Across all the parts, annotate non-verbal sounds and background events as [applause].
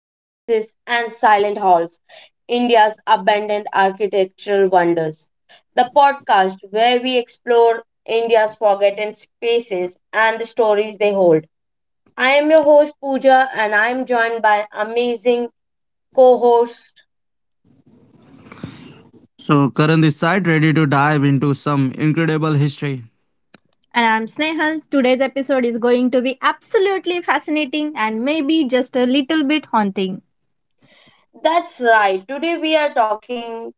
Palaces and Silent Halls, India's abandoned architectural wonders. The podcast where we explore India's forgotten spaces and the stories they hold. I am your host Pooja and I am joined by amazing co-host. So, Karan this side, ready to dive into some incredible history. And I'm Snehal. Today's episode is going to be absolutely fascinating and maybe just a little bit haunting. That's right. Today we are talking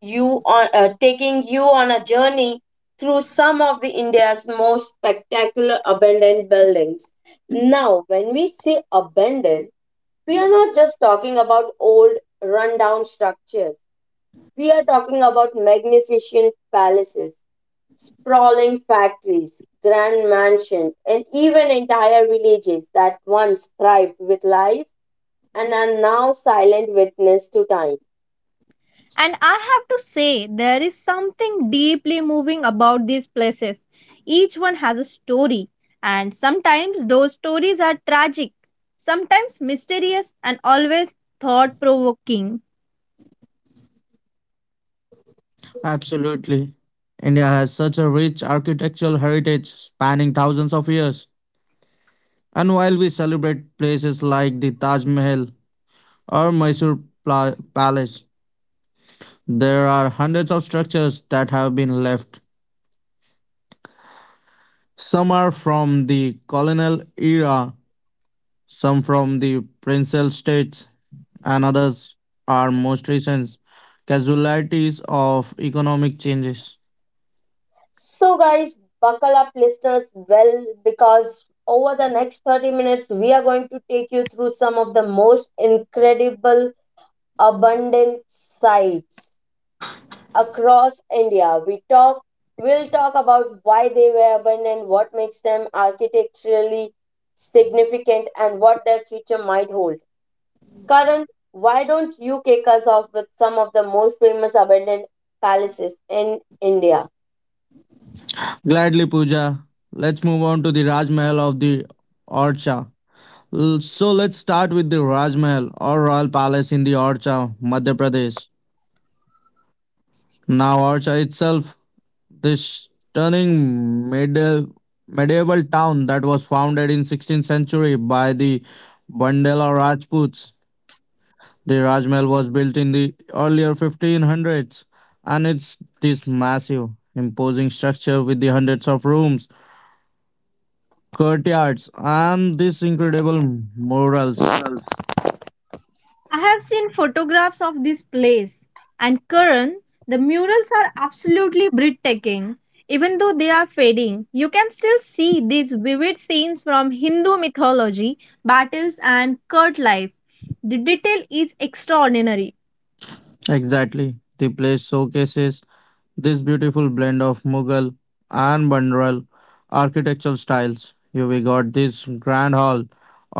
you on taking you on a journey through some of the India's most spectacular abandoned buildings. Now, when we say abandoned, we are not just talking about old rundown structures. We are talking about magnificent palaces, sprawling factories, grand mansions, and even entire villages that once thrived with life and are now silent witness to time. And I have to say, there is something deeply moving about these places. Each one has a story, and sometimes those stories are tragic, sometimes mysterious, and always thought provoking. Absolutely. India has such a rich architectural heritage spanning thousands of years. And while we celebrate places like the Taj Mahal or Mysore Palace, there are hundreds of structures that have been left. Some are from the colonial era, some from the princely states, and others are most recent casualties of economic changes. So, guys, buckle up, listeners, well, because over the next 30 minutes, we are going to take you through some of the most incredible abundant sights across India. We talk will talk about why they were abandoned, what makes them architecturally significant and what their future might hold. Karan, why don't you kick us off with some of the most famous abandoned palaces in India? Gladly, Pooja. Let's move on to the Raj Mahal of the Orcha. So let's start with the Raj Mahal or Royal Palace in the Orcha, Madhya Pradesh. Now, Orcha itself, this stunning medieval town that was founded in 16th century by the Bandela Rajputs. The Raj Mahal was built in the earlier 1500s, and it's this massive, imposing structure with the hundreds of rooms courtyards and these incredible murals. I have seen photographs of this place, and Karan, the murals are absolutely breathtaking. Even though they are fading, you can still see these vivid scenes from Hindu mythology, battles, and court life. The detail is extraordinary. Exactly. The place showcases this beautiful blend of Mughal and Bandral architectural styles. Here we got this grand hall,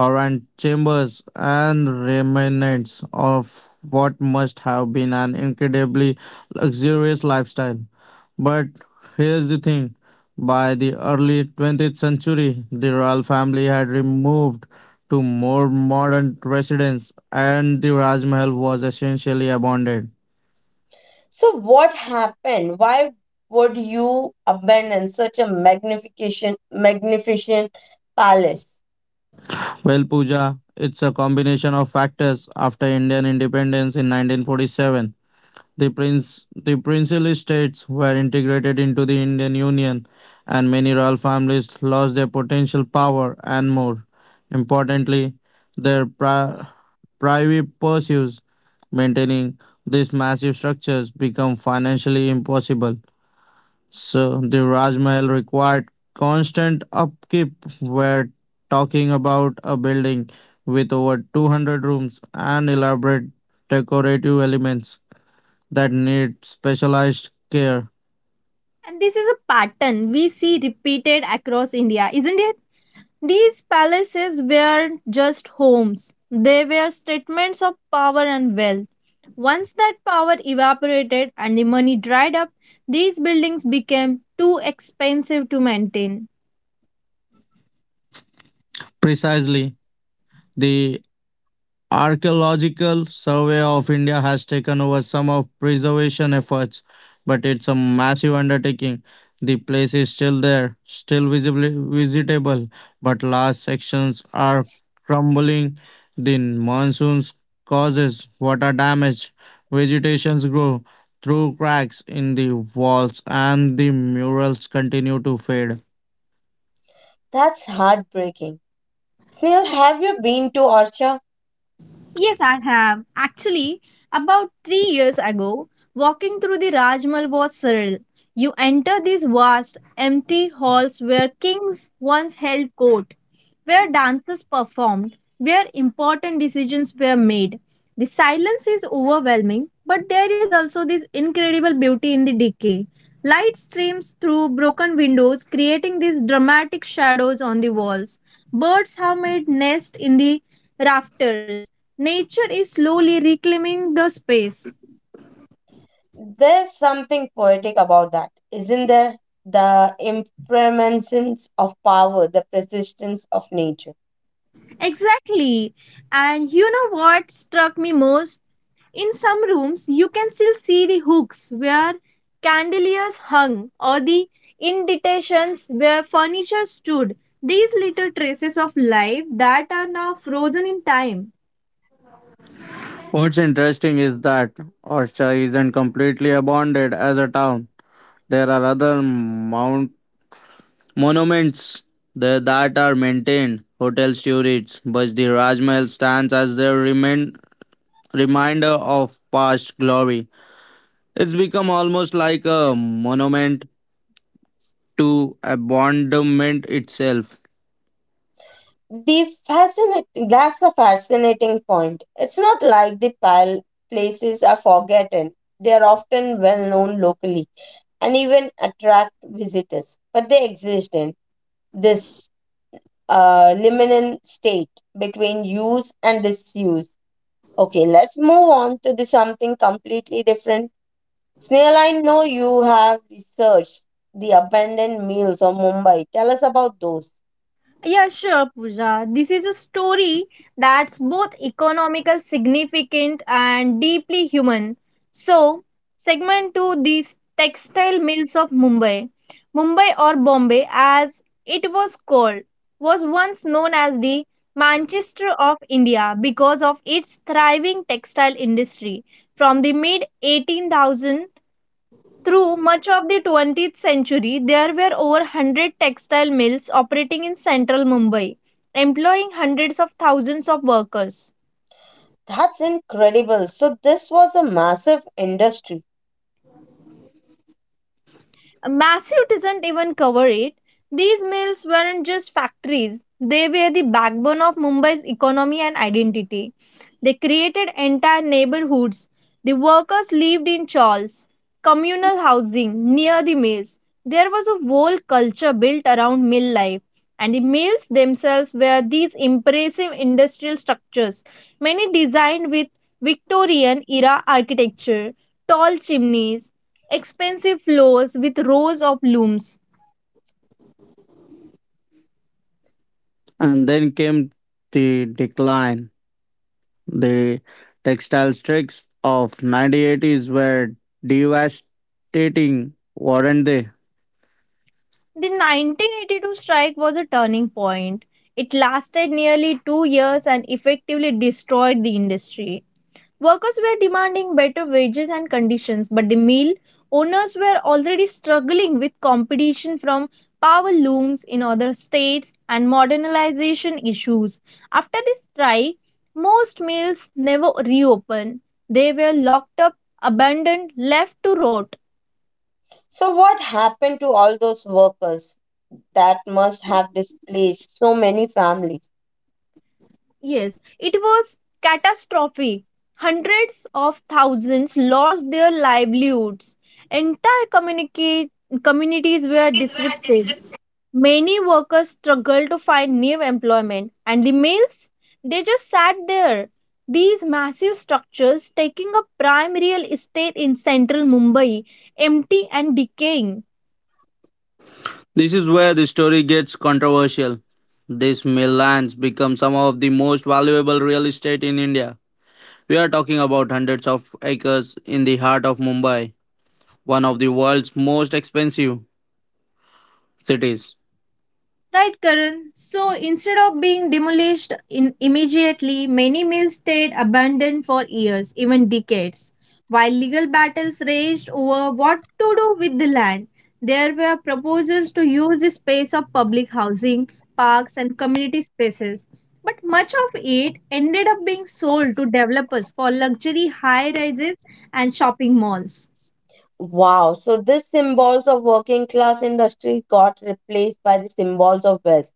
orient chambers, and remnants of what must have been an incredibly luxurious lifestyle. But here's the thing, by the early 20th century, the royal family had removed to more modern residence, and the Raj Mahal was essentially abandoned. So what happened? Why would you abandon such a magnification magnificent palace? Well, Pooja, it's a combination of factors. After Indian independence in 1947, the princely states were integrated into the Indian Union, and many royal families lost their potential power and more. Importantly, their private pursuits maintaining these massive structures become financially impossible. So the Rajmahal required constant upkeep. We're talking about a building with over 200 rooms and elaborate decorative elements that need specialized care. And this is a pattern we see repeated across India, isn't it? These palaces were just homes. They were statements of power and wealth. Once that power evaporated and the money dried up, these buildings became too expensive to maintain. Precisely, the Archaeological Survey of India has taken over some of preservation efforts, but it's a massive undertaking. The place is still there, still visibly visitable, but large sections are crumbling. The monsoons causes water damage. Vegetations grow through cracks in the walls, and the murals continue to fade. That's heartbreaking. Snail, have you been to Archa? Yes, I have. Actually, about 3 years ago, walking through the Rajmal was surreal. You enter these vast, empty halls where kings once held court, where dances performed, where important decisions were made. The silence is overwhelming, but there is also this incredible beauty in the decay. Light streams through broken windows, creating these dramatic shadows on the walls. Birds have made nests in the rafters. Nature is slowly reclaiming the space. There's something poetic about that, isn't there? The impermanence of power, the persistence of nature. Exactly. And you know what struck me most? In some rooms, you can still see the hooks where chandeliers hung or the indentations where furniture stood. These little traces of life that are now frozen in time. What's interesting is that Osha isn't completely abandoned as a town. There are other mount monuments there that are maintained, hotel turrets, but the Rajmahal stands as their remain, reminder of past glory. It's become almost like a monument to abandonment itself. That's a fascinating point. It's not like the places are forgotten. They are often well known locally and even attract visitors, but they exist in this liminal state between use and disuse. Okay, let's move on to the something completely different. Snail, I know you have researched the abandoned meals of Mumbai. Tell us about those. Yeah, sure, Pooja. This is a story that's both economical significant and deeply human. So, segment two, these textile mills of Mumbai. Mumbai, or Bombay, as it was called, was once known as the Manchester of India because of its thriving textile industry. From the mid 18,000 through much of the 20th century, there were over 100 textile mills operating in central Mumbai, employing hundreds of thousands of workers. That's incredible. So, this was a massive industry. Massive doesn't even cover it. These mills weren't just factories, they were the backbone of Mumbai's economy and identity. They created entire neighborhoods. The workers lived in chawls, communal housing near the mills. There was a whole culture built around mill life, and the mills themselves were these impressive industrial structures, many designed with Victorian era architecture, tall chimneys, expensive floors with rows of looms. And then came the decline. The textile strikes of 1980s were devastating, weren't they? The 1982 strike was a turning point. It lasted nearly 2 years and effectively destroyed the industry. Workers were demanding better wages and conditions, but the mill owners were already struggling with competition from power looms in other states and modernization issues. After the strike, most mills never reopened. They were locked up, abandoned, left to rot. So, what happened to all those workers that must have displaced so many families? Yes, it was catastrophe. Hundreds of thousands lost their livelihoods. Entire communities were disrupted. Many workers struggled to find new employment, and the males, they just sat there. These massive structures taking up prime real estate in central Mumbai, empty and decaying. This is where the story gets controversial. These mill lands become some of the most valuable real estate in India. We are talking about hundreds of acres in the heart of Mumbai, one of the world's most expensive cities. Right, Karan. So instead of being demolished in immediately, many mills stayed abandoned for years, even decades. While legal battles raged over what to do with the land, there were proposals to use the space of public housing, parks, and community spaces. But much of it ended up being sold to developers for luxury high rises and shopping malls. Wow. So, this symbols of working class industry got replaced by the symbols of wealth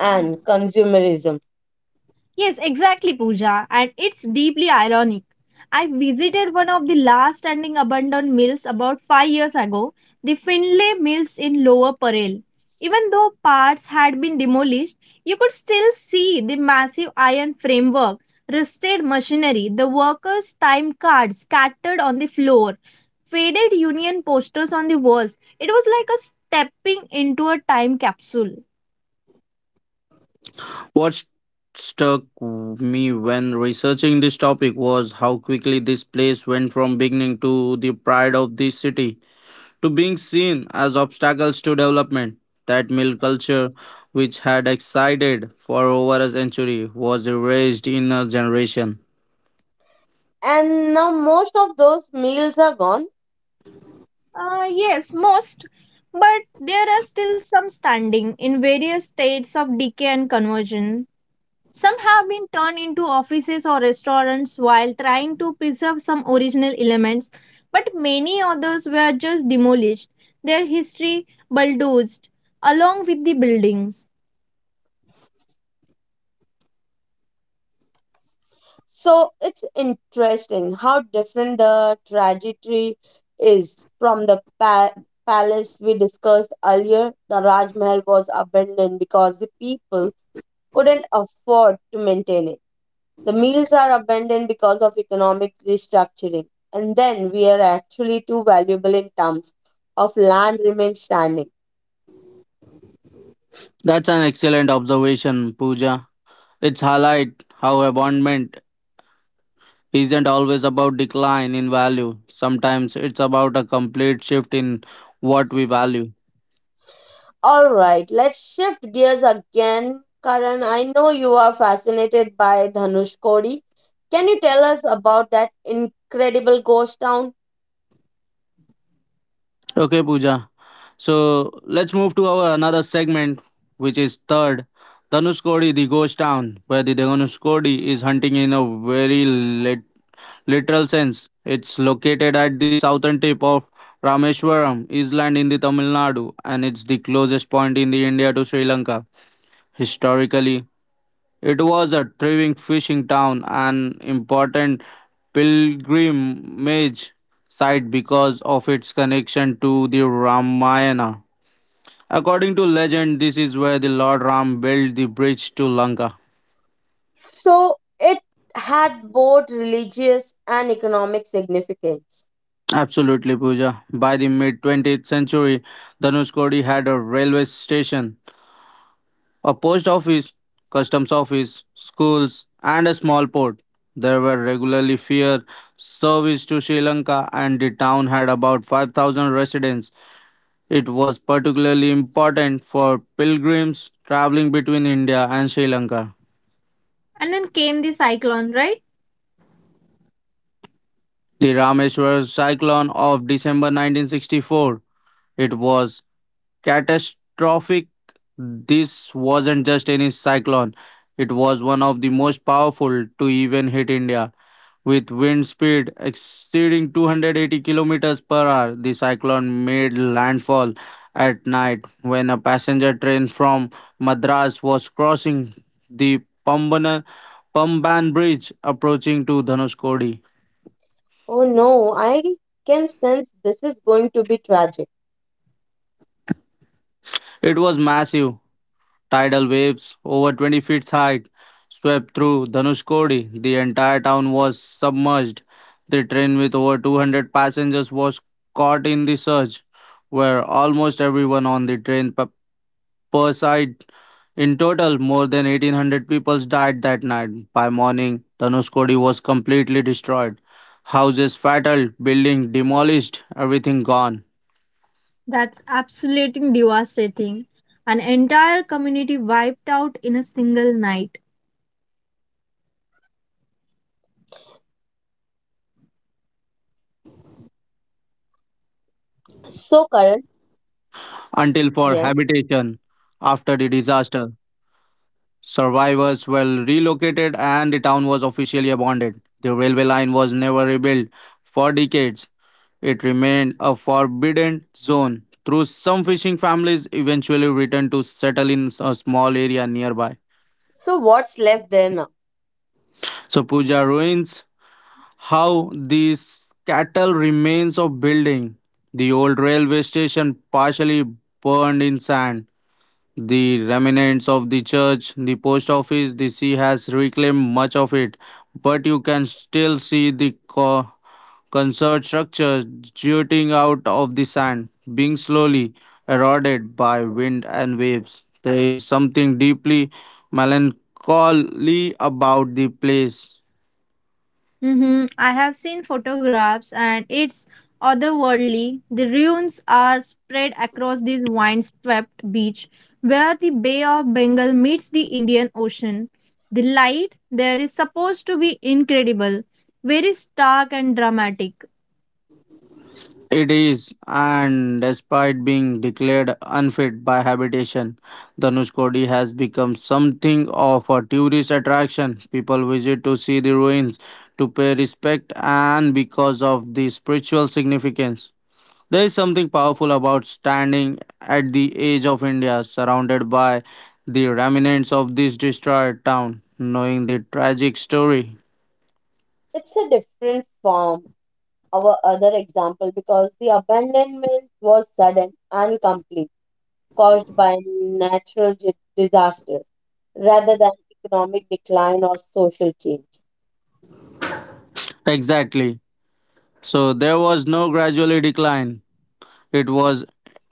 and consumerism. Yes, exactly, Pooja, and it's deeply ironic. I visited one of the last standing abandoned mills about 5 years ago, the Findlay Mills in Lower Parel. Even though parts had been demolished, you could still see the massive iron framework, rusted machinery, the workers' time cards scattered on the floor, faded union posters on the walls. It was like a stepping into a time capsule. What struck me when researching this topic was how quickly this place went from beginning to the pride of the city, to being seen as obstacles to development. That milk culture, which had existed for over a century, was erased in a generation. And now most of those meals are gone. Yes, most, but there are still some standing in various states of decay and conversion. Some have been turned into offices or restaurants while trying to preserve some original elements, but many others were just demolished, their history bulldozed along with the buildings. So it's interesting how different the trajectory is from the palace we discussed earlier. The Raj Mahal was abandoned because the people couldn't afford to maintain it. The mills are abandoned because of economic restructuring. And then we are actually too valuable in terms of land remains standing. That's an excellent observation, Pooja. It's highlight how abandonment isn't always about decline in value. Sometimes it's about a complete shift in what we value. All right, let's shift gears again. Karan, I know you are fascinated by Dhanush Kodi. Can you tell us about that incredible ghost town? Okay, Pooja. So let's move to our another segment, which is third, Dhanushkodi, the ghost town, where the Dhanushkodi is hunting in a very literal sense. It's located at the southern tip of Rameshwaram Island in the Tamil Nadu, and it's the closest point in the India to Sri Lanka. Historically, it was a thriving fishing town and important pilgrimage site because of its connection to the Ramayana. According to legend, this is where the Lord Ram built the bridge to Lanka. So, it had both religious and economic significance. Absolutely, Pooja. By the mid 20th century, Dhanushkodi had a railway station, a post office, customs office, schools, and a small port. There were regularly fear service to Sri Lanka, and the town had about 5,000 residents. It was particularly important for pilgrims traveling between India and Sri Lanka. And then came the cyclone, right? The Rameshwar cyclone of December 1964. It was catastrophic. This wasn't just any cyclone, it was one of the most powerful to even hit India. With wind speed exceeding 280 kilometers per hour, the cyclone made landfall at night when a passenger train from Madras was crossing the Pambana, Pamban Bridge approaching to Dhanuskodi. Oh no, I can sense this is going to be tragic. It was massive. Tidal waves over 20 feet high swept through Dhanushkodi. The entire town was submerged. The train with over 200 passengers was caught in the surge, where almost everyone on the train per per. In total, more than 1800 people died that night. By morning, Dhanushkodi was completely destroyed. Houses fataled, buildings demolished, everything gone. That's absolutely devastating. An entire community wiped out in a single night. So the Indian government declared Dhanushkodi until So, for Karan, habitation. After the yes. disaster, survivors were relocated and the town was officially abandoned. The railway line was never rebuilt for decades. It remained a forbidden zone. Through some fishing families eventually returned to settle in a small area nearby. So, what's left there now? So Puja ruins how these cattle remains of building. The old railway station partially burned in sand, the remnants of the church, the post office, the sea has reclaimed much of it, but you can still see the concert structure jutting out of the sand, being slowly eroded by wind and waves. There is something deeply melancholy about the place. Mm-hmm. I have seen photographs, and it's otherworldly. The ruins are spread across this wine swept beach where the Bay of Bengal meets the Indian Ocean. The light there is supposed to be incredible, very stark and dramatic. It is, and despite being declared unfit by habitation, Dhanushkodi has become something of a tourist attraction. People visit to see the ruins, to pay respect, and because of the spiritual significance. There is something powerful about standing at the edge of India, surrounded by the remnants of this destroyed town, knowing the tragic story. It's a different form, our other example, because the abandonment was sudden and complete, caused by natural disasters rather than economic decline or social change. Exactly. So there was no gradually decline. It was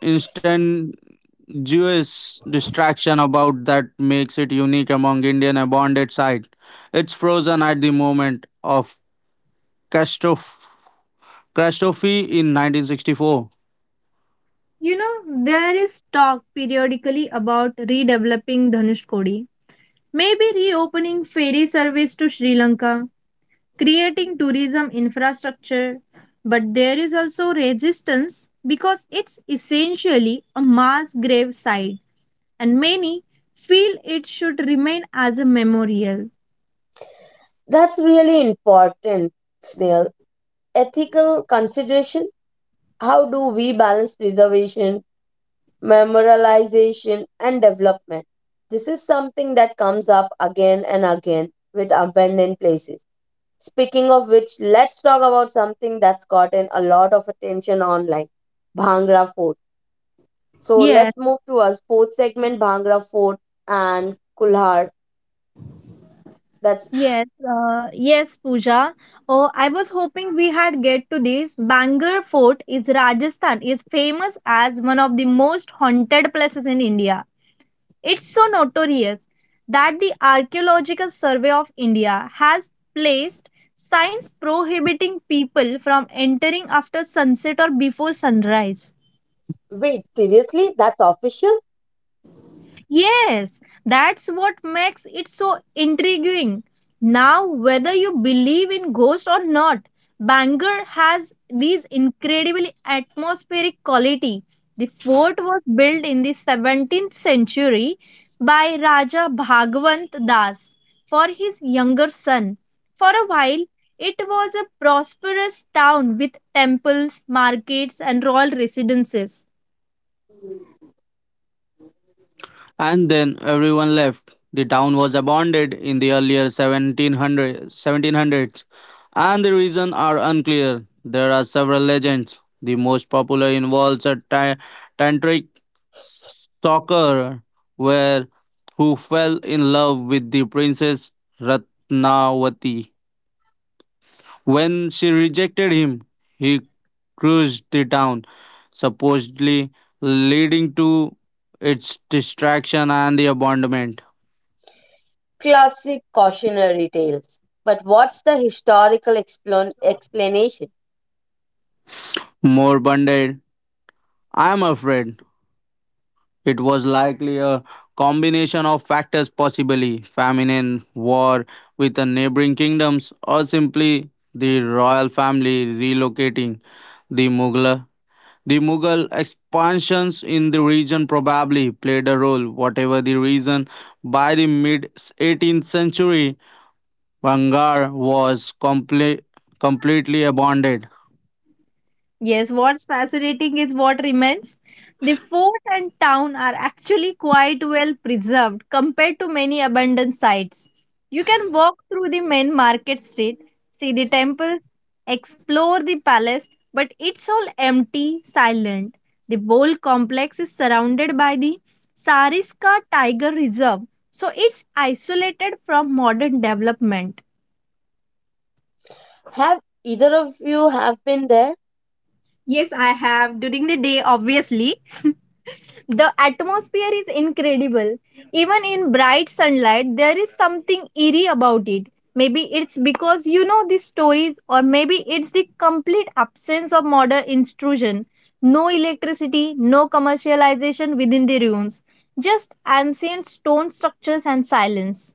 instantaneous distraction about that makes it unique among Indian abandoned site. It's frozen at the moment of catastrophe in 1964. You know, there is talk periodically about redeveloping Dhanushkodi, maybe reopening ferry service to Sri Lanka, creating tourism infrastructure. But there is also resistance because it's essentially a mass grave site, and many feel it should remain as a memorial. That's really important, Snail. Ethical consideration, how do we balance preservation, memorialization, and development? This is something that comes up again and again with abandoned places. Speaking of which, let's talk about something that's gotten a lot of attention online, Bhangra Fort. So Yes, let's move to our sports segment, Bhangra Fort and Kulhar. That's, yes, yes, Pooja. Oh, I was hoping we had get to this. Bangor Fort is Rajasthan is famous as one of the most haunted places in India. It's so notorious that the Archaeological Survey of India has placed signs prohibiting people from entering after sunset or before sunrise. wait, seriously? That's official? Yes, that's what makes it so intriguing. Now, whether you believe in ghosts or not, Bangor has these incredibly atmospheric quality. The fort was built in the 17th century by Raja Bhagwant Das for his younger son. For a while, it was a prosperous town with temples, markets, and royal residences. And then everyone left. The town was abandoned in the earlier 1700s, and the reason are unclear. There are several legends. The most popular involves a tantric stalker where who fell in love with the princess Ratnavati. When she rejected him, he cruised the town, supposedly leading to its destruction and the abandonment. Classic cautionary tales. But what's the historical explanation? More bonded. I am afraid. It was likely a combination of factors, possibly famine, and war with the neighboring kingdoms, or simply the royal family relocating. The Mughal, the Mughal expansions in the region probably played a role. Whatever the reason, by the mid 18th century, Bangar was completely abandoned. Yes, what's fascinating is what remains. The fort and town are actually quite well preserved compared to many abandoned sites. You can walk through the main market street, see the temples, explore the palace, but it's all empty, silent. The bowl complex is surrounded by the Sariska Tiger Reserve, so it's isolated from modern development. Have either of you have been there? Yes, I have. During the day, obviously, [laughs] the atmosphere is incredible. Even in bright sunlight, there is something eerie about it. Maybe it's because you know the stories, or maybe it's the complete absence of modern intrusion. No electricity, no commercialization within the ruins, just ancient stone structures and silence.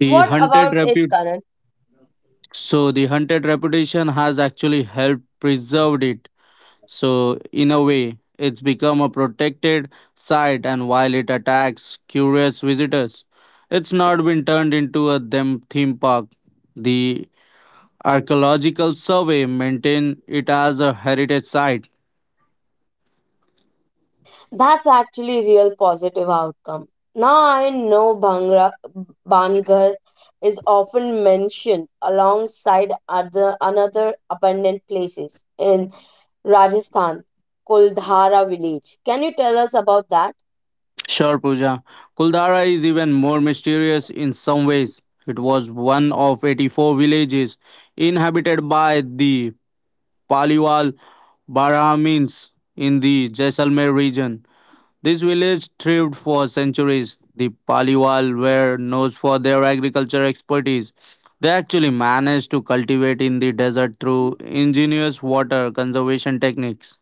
The What hunted about it, repu- Karan? So the hunted reputation has actually helped preserved it. So in a way, it's become a protected site, and while it attacks curious visitors, it's not been turned into a theme park. The archaeological survey maintain it as a heritage site. That's actually a real positive outcome. Now I know Bangar is often mentioned alongside other another abundant places in Rajasthan, Kuldhara village. Can you tell us about that? Sure, Pooja. Kuldara is even more mysterious in some ways. It was one of 84 villages inhabited by the Paliwal Bara means in the Jaisalmer region. This village thrived for centuries. The Paliwal were known for their agriculture expertise. They actually managed to cultivate in the desert through ingenious water conservation techniques.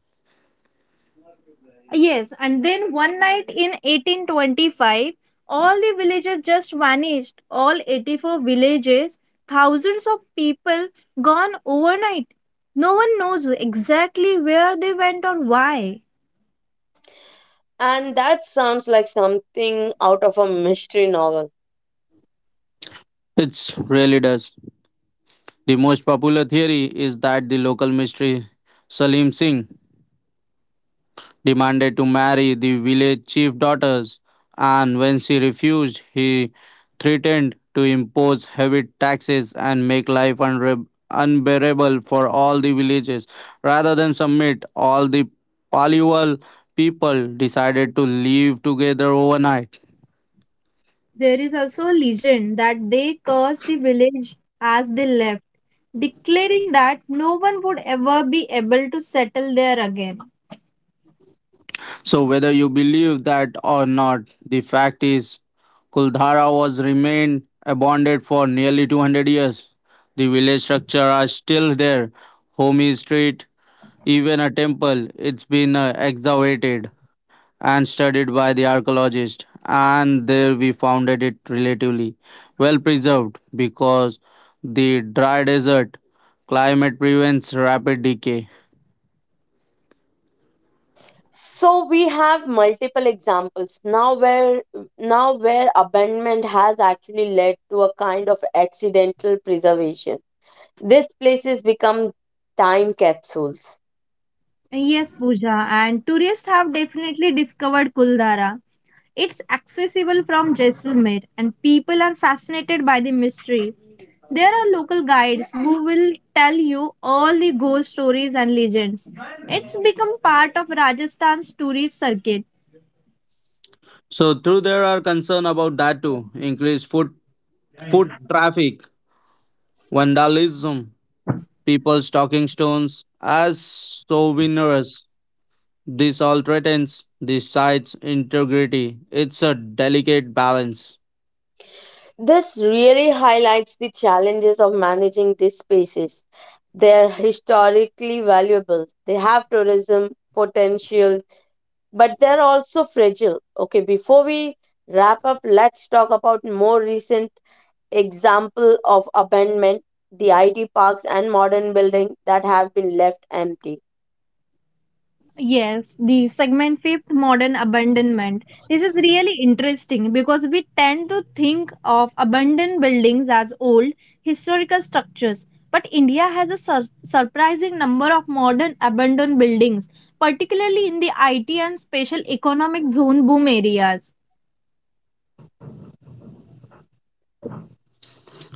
Yes, and then one night in 1825, all the villages just vanished. All 84 villages, thousands of people gone overnight. No one knows exactly where they went or why. And that sounds like something out of a mystery novel. It really does. The most popular theory is that the local mystery Salim Singh demanded to marry the village chief daughters, and when she refused, he threatened to impose heavy taxes and make life unbearable for all the villages. Rather than submit, all the Paliwal people decided to leave together overnight. There is also a legend that they cursed the village as they left, declaring that no one would ever be able to settle there again. So whether you believe that or not, the fact is Kuldhara was remained abandoned for nearly 200 years. The village structure are still there. Homi Street, even a temple, it's been excavated and studied by the archaeologists, and there we found that it relatively well preserved because the dry desert climate prevents rapid decay. So we have multiple examples now where abandonment has actually led to a kind of accidental preservation. These places become time capsules. Yes, Pooja, and tourists have definitely discovered Kuldara. It's accessible from Jaisalmer and people are fascinated by the mystery. There are local guides who will tell you all the ghost stories and legends. It's become part of Rajasthan's tourist circuit. So, through there are concern about that too, increased foot traffic, vandalism, people stocking stones as souvenirs. This all threatens the site's integrity. It's a delicate balance. This really highlights the challenges of managing these spaces. They're historically valuable, they have tourism potential, but they're also fragile. Okay, before we wrap up, let's talk about more recent example of abandonment, the IT parks and modern building that have been left empty. Yes, the segment fifth modern abandonment. This is really interesting because we tend to think of abandoned buildings as old historical structures. But India has a surprising number of modern abandoned buildings, particularly in the IT and special economic zone boom areas.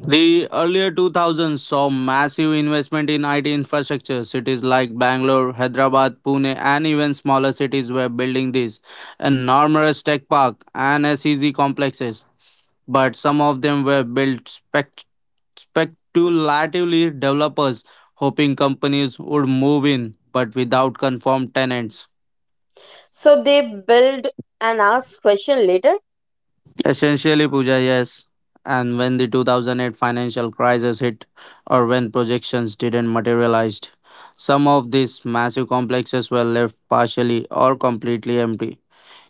The earlier 2000s saw massive investment in IT infrastructure. Cities like Bangalore, Hyderabad, Pune, and even smaller cities were building these enormous tech park and SEZ complexes. But some of them were built speculatively, developers hoping companies would move in, but without confirmed tenants. So they build and ask question later. Essentially, Pooja, yes. And when the 2008 financial crisis hit, or when projections didn't materialize, some of these massive complexes were left partially or completely empty.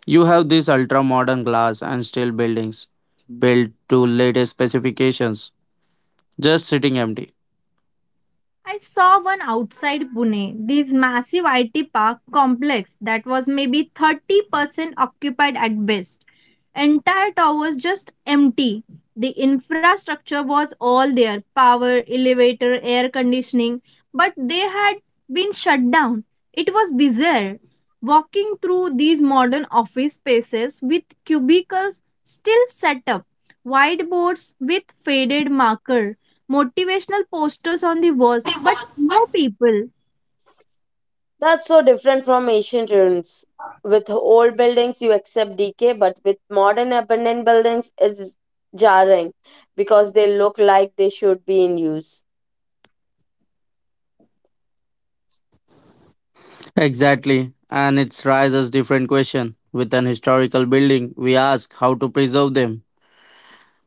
You have these ultra modern glass and steel buildings built to latest specifications, just sitting empty. I saw one outside Pune, this massive IT park complex that was maybe 30% occupied at best. Entire towers just empty. The infrastructure was all there, power, elevator, air conditioning, but they had been shut down. It was bizarre. Walking through these modern office spaces with cubicles still set up, whiteboards with faded marker motivational posters on the walls, but no people. That's so different from ancient ruins. With old buildings, you accept decay, but with modern abandoned buildings, it's jarring because they look like they should be in use. Exactly. And it raises different question. With an historical building, we ask how to preserve them.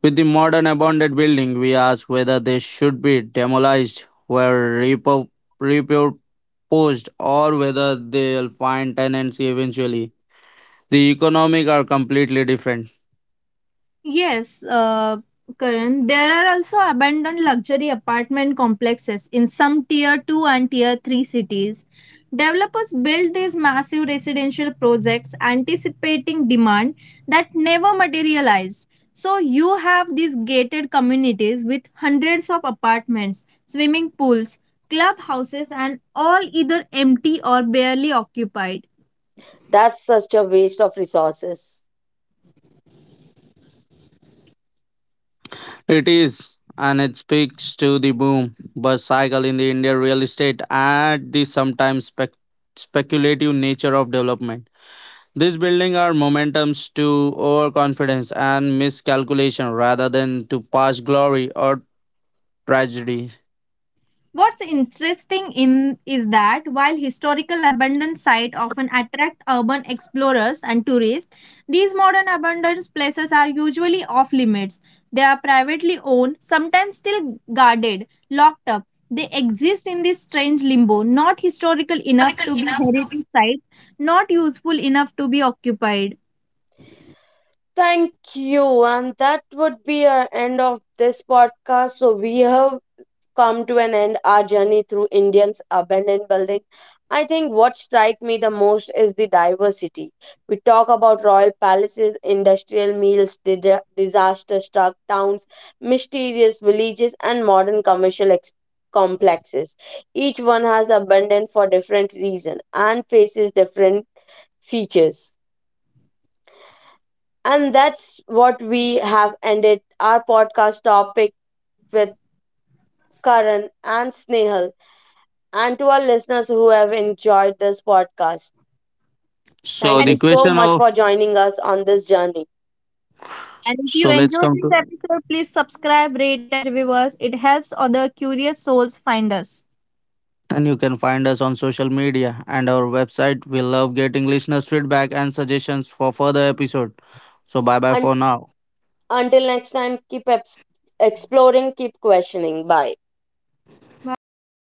With the modern abandoned building, we ask whether they should be demolished, were repurposed, or whether they'll find tenancy eventually. The economic are completely different. Yes, uh, Karan, there are also abandoned luxury apartment complexes in some tier 2 and tier 3 cities. Developers build these massive residential projects anticipating demand that never materialized. So you have these gated communities with hundreds of apartments, swimming pools, clubhouses, and all either empty or barely occupied. That's such a waste of resources. It is, and it speaks to the boom bust cycle in the Indian real estate and the sometimes speculative nature of development. These buildings are momentums to overconfidence and miscalculation rather than to past glory or tragedy. What's interesting in is that while historical abandoned sites often attract urban explorers and tourists, these modern abandoned places are usually off limits. They are privately owned, sometimes still guarded, locked up. They exist in this strange limbo, not historical enough to be heritage sites, not useful enough to be occupied. Thank you, and that would be our end of this podcast. So we have come to an end our journey through Indians' abandoned building, I think what strikes me the most is the diversity. We talk about royal palaces, industrial meals, disaster struck towns, mysterious villages, and modern commercial complexes. Each one has abandoned for different reason and faces different features. And that's what we have ended our podcast topic with Karan and Snehal, and to our listeners who have enjoyed this podcast. So Thank And you the if so you, question much of, for joining us on this journey. and if you so let's enjoyed come this to, episode, please subscribe, rate, and review us. It helps other curious souls find us. and you can find us on social media and our website. We love getting listeners' feedback and suggestions for further episode. So bye bye And for now. until next time, keep exploring, keep questioning. Bye. Bye bye.